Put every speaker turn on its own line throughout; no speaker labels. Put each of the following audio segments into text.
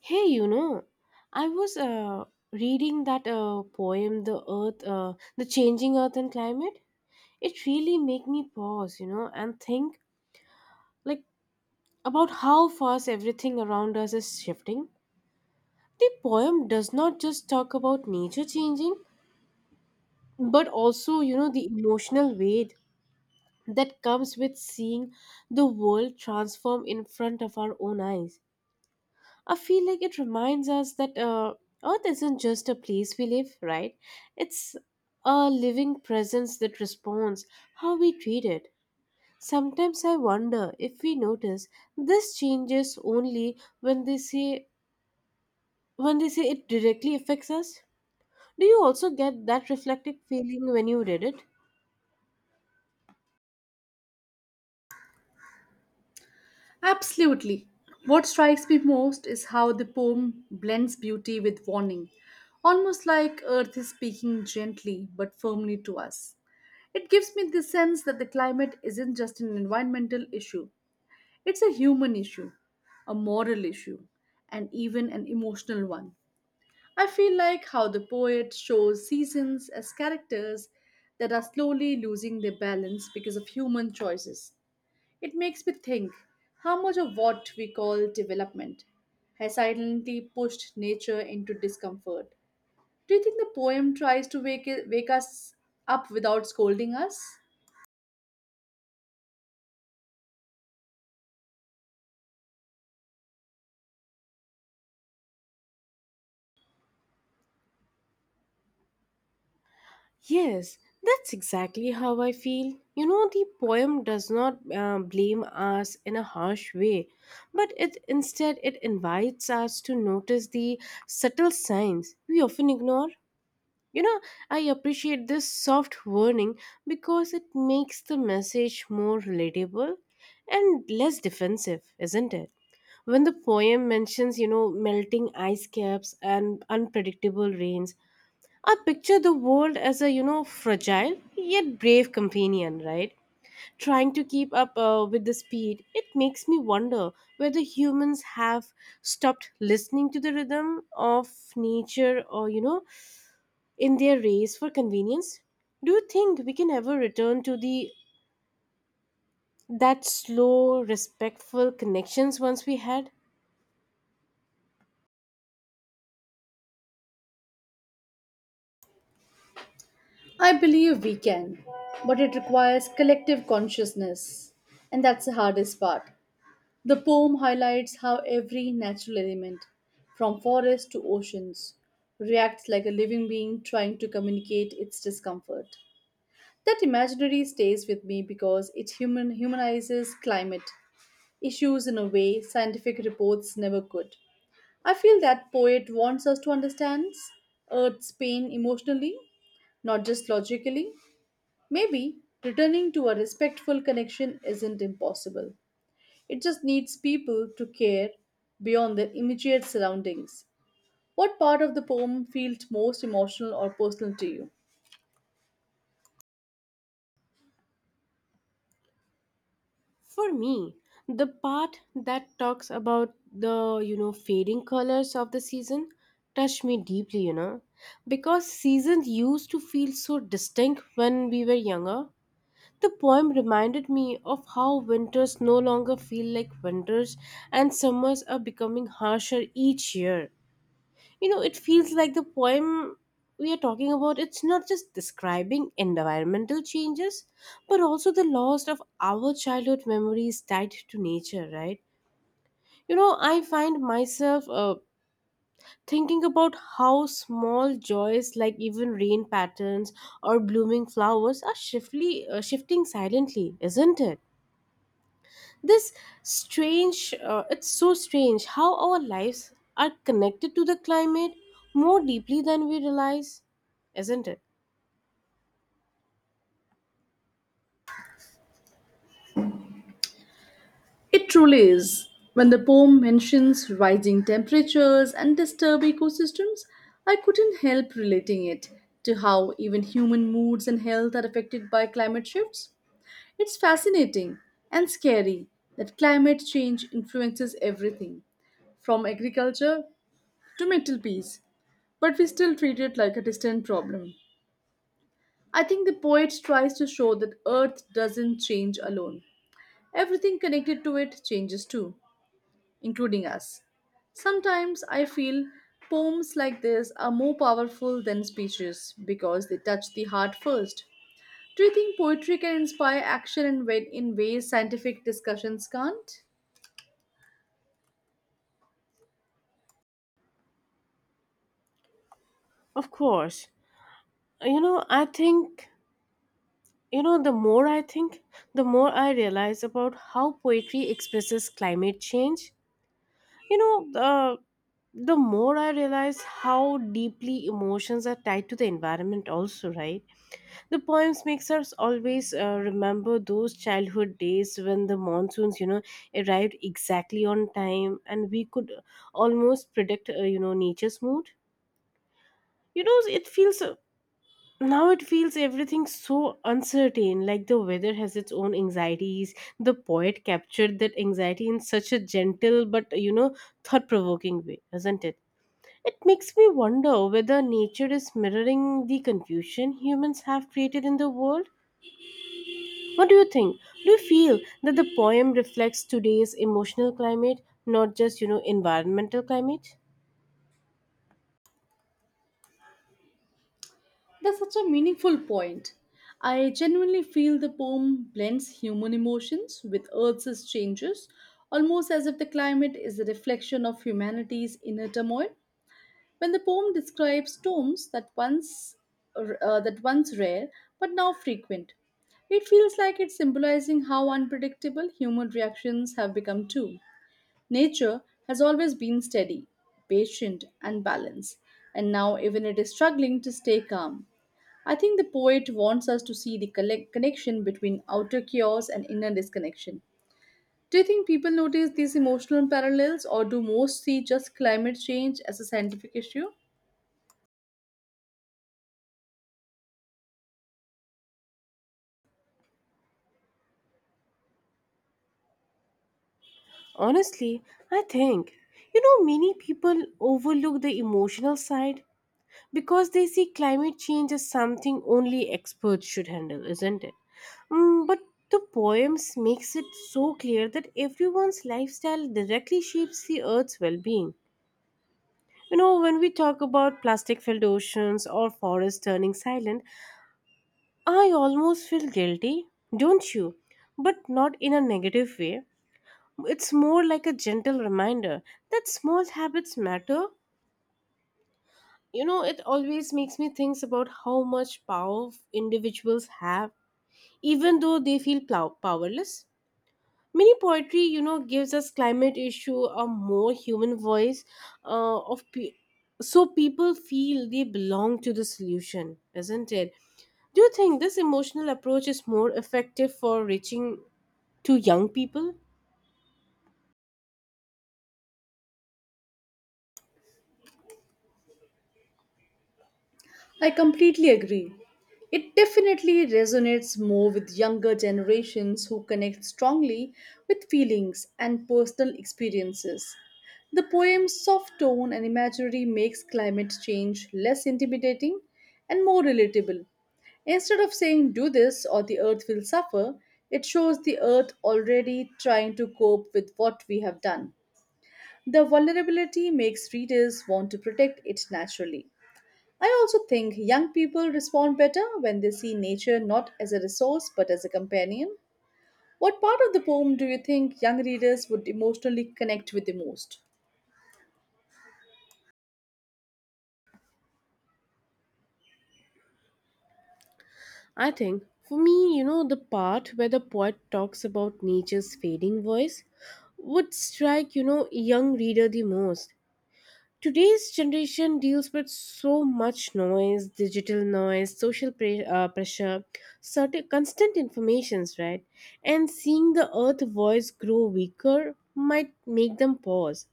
Hey, I was reading that poem, "The Earth, the Changing Earth and Climate." It really made me pause, you know, and think like about how fast everything around us is shifting. The poem does not just talk about nature changing, but also, you know, the emotional weight that comes with seeing the world transform in front of our own eyes. I feel like it reminds us that Earth isn't just a place we live, right? It's a living presence that responds how we treat it. Sometimes I wonder if we notice this changes only when they say it directly affects us. Do you also get that reflective feeling when you read it?
Absolutely. What strikes me most is how the poem blends beauty with warning, almost like Earth is speaking gently but firmly to us. It gives me the sense that the climate isn't just an environmental issue, it's a human issue, a moral issue, and even an emotional one. I feel like how the poet shows seasons as characters that are slowly losing their balance because of human choices. It makes me think how much of what we call development has silently pushed nature into discomfort. Do you think the poem tries to wake us up without scolding us?
Yes, that's exactly how I feel. You know, the poem does not blame us in a harsh way, but it instead it invites us to notice the subtle signs we often ignore. You know, I appreciate this soft warning because it makes the message more relatable and less defensive, isn't it? When the poem mentions, you know, melting ice caps and unpredictable rains, I picture the world as a, you know, fragile yet brave companion, right? Trying to keep up with the speed. It makes me wonder whether humans have stopped listening to the rhythm of nature or, you know, in their race for convenience. Do you think we can ever return to the that slow, respectful connections once we had?
I believe we can, but it requires collective consciousness, and that's the hardest part. The poem highlights how every natural element, from forests to oceans, reacts like a living being trying to communicate its discomfort. That imaginary stays with me because it humanizes climate issues in a way scientific reports never could. I feel that poet wants us to understand Earth's pain emotionally, not just logically. Maybe returning to a respectful connection isn't impossible. It just needs people to care beyond their immediate surroundings. What part of the poem felt most emotional or personal to you?
For me, the part that talks about the, you know, fading colors of the season touched me deeply, you know, because seasons used to feel so distinct when we were younger. The poem reminded me of how winters no longer feel like winters and summers are becoming harsher each year. You know, it feels like the poem we are talking about, it's not just describing environmental changes, but also the loss of our childhood memories tied to nature, right? You know, I find myself thinking about how small joys like even rain patterns or blooming flowers are shifting silently, isn't it? This it's so strange how our lives are connected to the climate more deeply than we realize, isn't it?
It truly is. When the poem mentions rising temperatures and disturbed ecosystems, I couldn't help relating it to how even human moods and health are affected by climate shifts. It's fascinating and scary that climate change influences everything, from agriculture to mental peace, but we still treat it like a distant problem. I think the poet tries to show that Earth doesn't change alone. Everything connected to it changes too, including us. Sometimes I feel poems like this are more powerful than speeches because they touch the heart first. Do you think poetry can inspire action in ways scientific discussions can't?
Of course. You know, I think, you know, the more I think, the more I realize about how poetry expresses climate change. You know, the more I realize how deeply emotions are tied to the environment, also, right? The poems makes us always remember those childhood days when the monsoons, you know, arrived exactly on time, and we could almost predict, you know, nature's mood. You know, it feels Now it feels everything so uncertain. Like the weather has its own anxieties. The poet captured that anxiety in such a gentle but you know thought-provoking way, isn't it? It makes me wonder whether nature is mirroring the confusion humans have created in the world. What do you think? Do you feel that the poem reflects today's emotional climate, not just, you know, environmental climate?
That's such a meaningful point. I genuinely feel the poem blends human emotions with Earth's changes, almost as if the climate is a reflection of humanity's inner turmoil. When the poem describes tombs that once rare but now frequent, it feels like it's symbolizing how unpredictable human reactions have become too. Nature has always been steady, patient, and balanced, and now even it is struggling to stay calm. I think the poet wants us to see the connection between outer chaos and inner disconnection. Do you think people notice these emotional parallels, or do most see just climate change as a scientific issue?
Honestly, I think, you know, many people overlook the emotional side because they see climate change as something only experts should handle, isn't it? Mm, but the poems makes it so clear that everyone's lifestyle directly shapes the earth's well-being. You know, when we talk about plastic-filled oceans or forests turning silent, I almost feel guilty, don't you? But not in a negative way. It's more like a gentle reminder that small habits matter. You know, it always makes me think about how much power individuals have, even though they feel powerless. Mini poetry, you know, gives us climate issue a more human voice, uh, of pe- so people feel they belong to the solution, isn't it? Do you think this emotional approach is more effective for reaching to young people?
I completely agree. It definitely resonates more with younger generations who connect strongly with feelings and personal experiences. The poem's soft tone and imagery makes climate change less intimidating and more relatable. Instead of saying do this or the earth will suffer, it shows the earth already trying to cope with what we have done. The vulnerability makes readers want to protect it naturally. I also think young people respond better when they see nature not as a resource but as a companion. What part of the poem do you think young readers would emotionally connect with the most?
I think for me, you know, the part where the poet talks about nature's fading voice would strike, you know, a young reader the most. Today's generation deals with so much noise, digital noise, pressure, certain constant informations, right? And seeing the earth voice grow weaker might make them pause.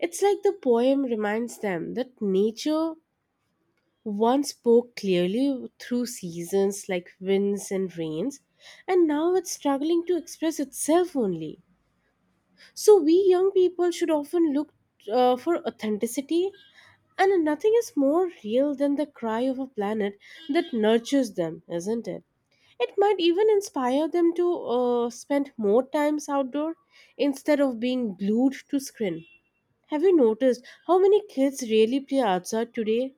It's like the poem reminds them that nature One spoke clearly through seasons like winds and rains, and now it's struggling to express itself only. So, we young people should often look for authenticity, and nothing is more real than the cry of a planet that nurtures them, isn't it? It might even inspire them to spend more times outdoor instead of being glued to screen. Have you noticed how many kids really play outside today?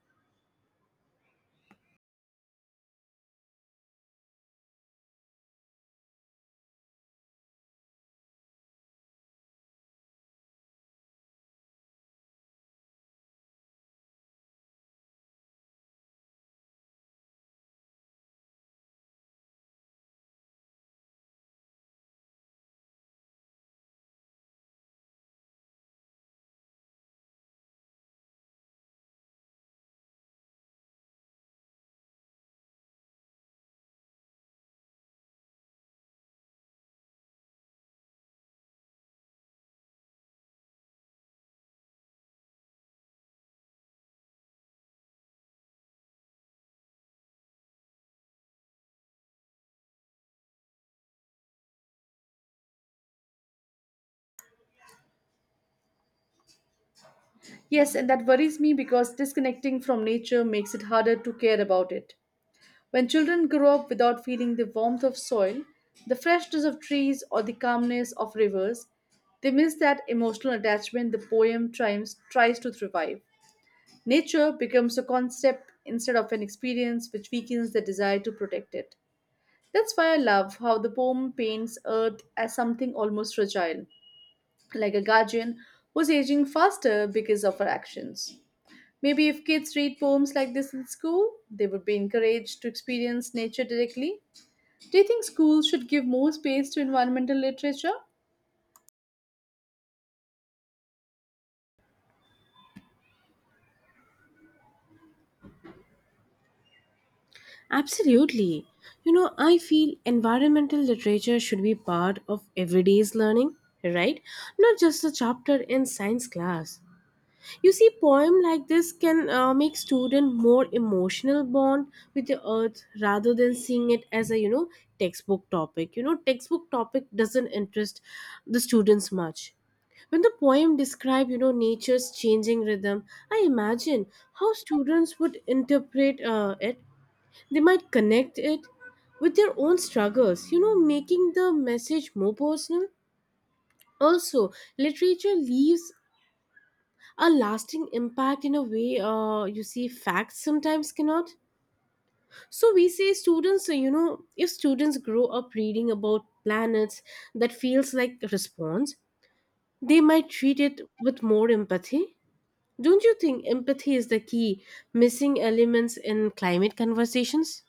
Yes, and that worries me because disconnecting from nature makes it harder to care about it. When children grow up without feeling the warmth of soil, the freshness of trees, or the calmness of rivers, they miss that emotional attachment the poem tries to revive. Nature becomes a concept instead of an experience, which weakens the desire to protect it. That's why I love how the poem paints Earth as something almost fragile, like a guardian who's aging faster because of her actions. Maybe if kids read poems like this in school, they would be encouraged to experience nature directly. Do you think schools should give more space to environmental literature?
Absolutely. You know, I feel environmental literature should be part of everyday's learning, right? Not just a chapter in science class. You see, poem like this can make student more emotional bond with the earth rather than seeing it as a you know textbook topic. You know, textbook topic doesn't interest the students much. When the poem describe you know nature's changing rhythm, I imagine how students would interpret it they might connect it with their own struggles, you know, making the message more personal. Also, literature leaves a lasting impact in a way you see facts sometimes cannot. So we say students, you know, if students grow up reading about planets that feels like response, they might treat it with more empathy. Don't you think empathy is the key missing elements in climate conversations?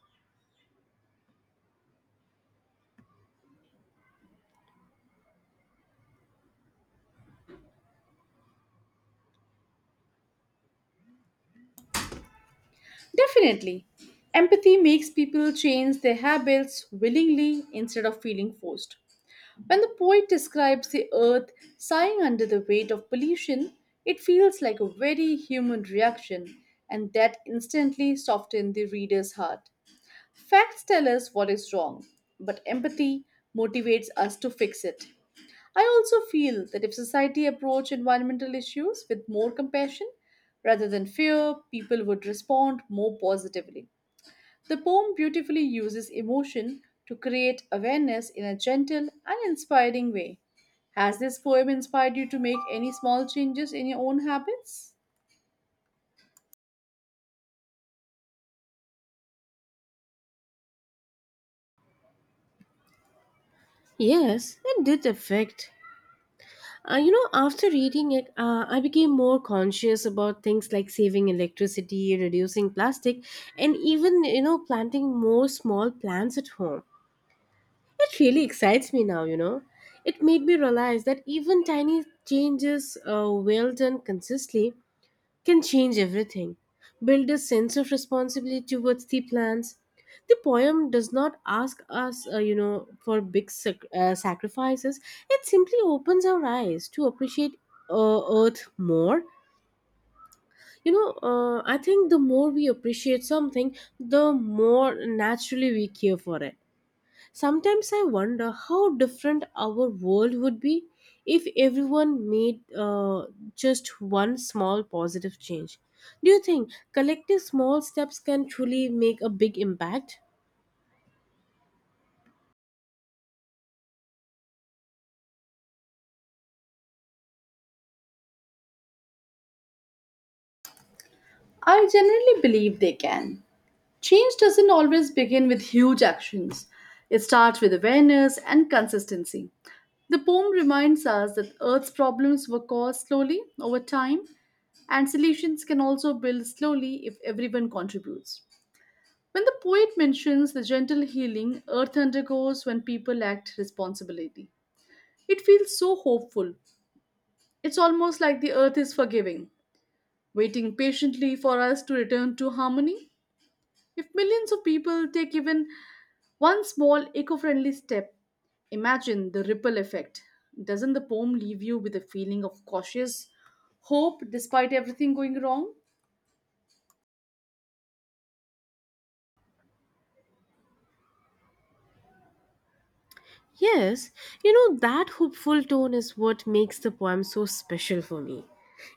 Definitely. Empathy makes people change their habits willingly instead of feeling forced. When the poet describes the earth sighing under the weight of pollution, it feels like a very human reaction, and that instantly softens the reader's heart. Facts tell us what is wrong, but empathy motivates us to fix it. I also feel that if society approached environmental issues with more compassion rather than fear, people would respond more positively. The poem beautifully uses emotion to create awareness in a gentle and inspiring way. Has this poem inspired you to make any small changes in your own habits?
Yes, it did affect. You know, after reading it, I became more conscious about things like saving electricity, reducing plastic, and even, you know, planting more small plants at home. It really excites me now, you know. It made me realize that even tiny changes, well done consistently, can change everything. Build a sense of responsibility towards the plants. The poem does not ask us, you know, for big sacrifices. It simply opens our eyes to appreciate Earth more. You know, I think the more we appreciate something, the more naturally we care for it. Sometimes I wonder how different our world would be if everyone made just one small positive change. Do you think collective small steps can truly make a big impact?
I generally believe they can. Change doesn't always begin with huge actions. It starts with awareness and consistency. The poem reminds us that Earth's problems were caused slowly over time, and solutions can also build slowly if everyone contributes. When the poet mentions the gentle healing Earth undergoes when people act responsibility, it feels so hopeful. It's almost like the Earth is forgiving, waiting patiently for us to return to harmony. If millions of people take even one small eco friendly step, imagine the ripple effect. Doesn't the poem leave you with a feeling of cautious hope despite everything going wrong?
Yes, you know, that hopeful tone is what makes the poem so special for me.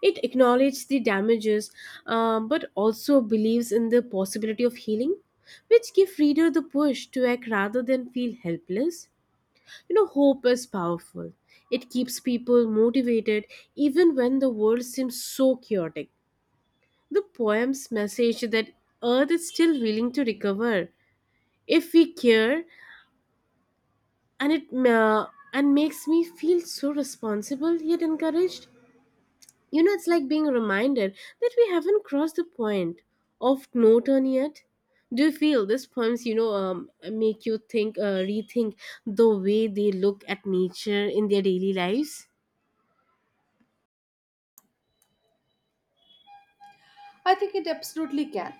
It acknowledges the damages, but also believes in the possibility of healing, which give reader the push to act rather than feel helpless. You know, hope is powerful. It keeps people motivated even when the world seems so chaotic. The poem's message that Earth is still willing to recover if we care, and it uh, and makes me feel so responsible yet encouraged. You know, it's like being reminded that we haven't crossed the point of no turn yet. Do you feel these poems, you know, make you rethink the way they look at nature in their daily lives?
I think it absolutely can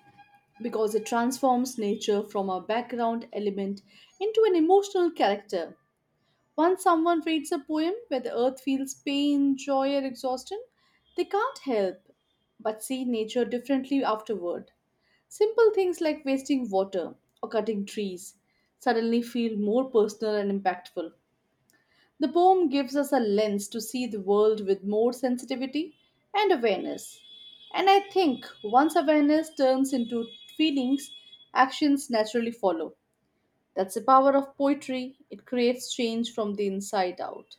because it transforms nature from a background element into an emotional character. Once someone reads a poem where the earth feels pain, joy, or exhaustion, they can't help but see nature differently afterward. Simple things like wasting water or cutting trees suddenly feel more personal and impactful. The poem gives us a lens to see the world with more sensitivity and awareness. And I think once awareness turns into feelings, actions naturally follow. That's the power of poetry. It creates change from the inside out.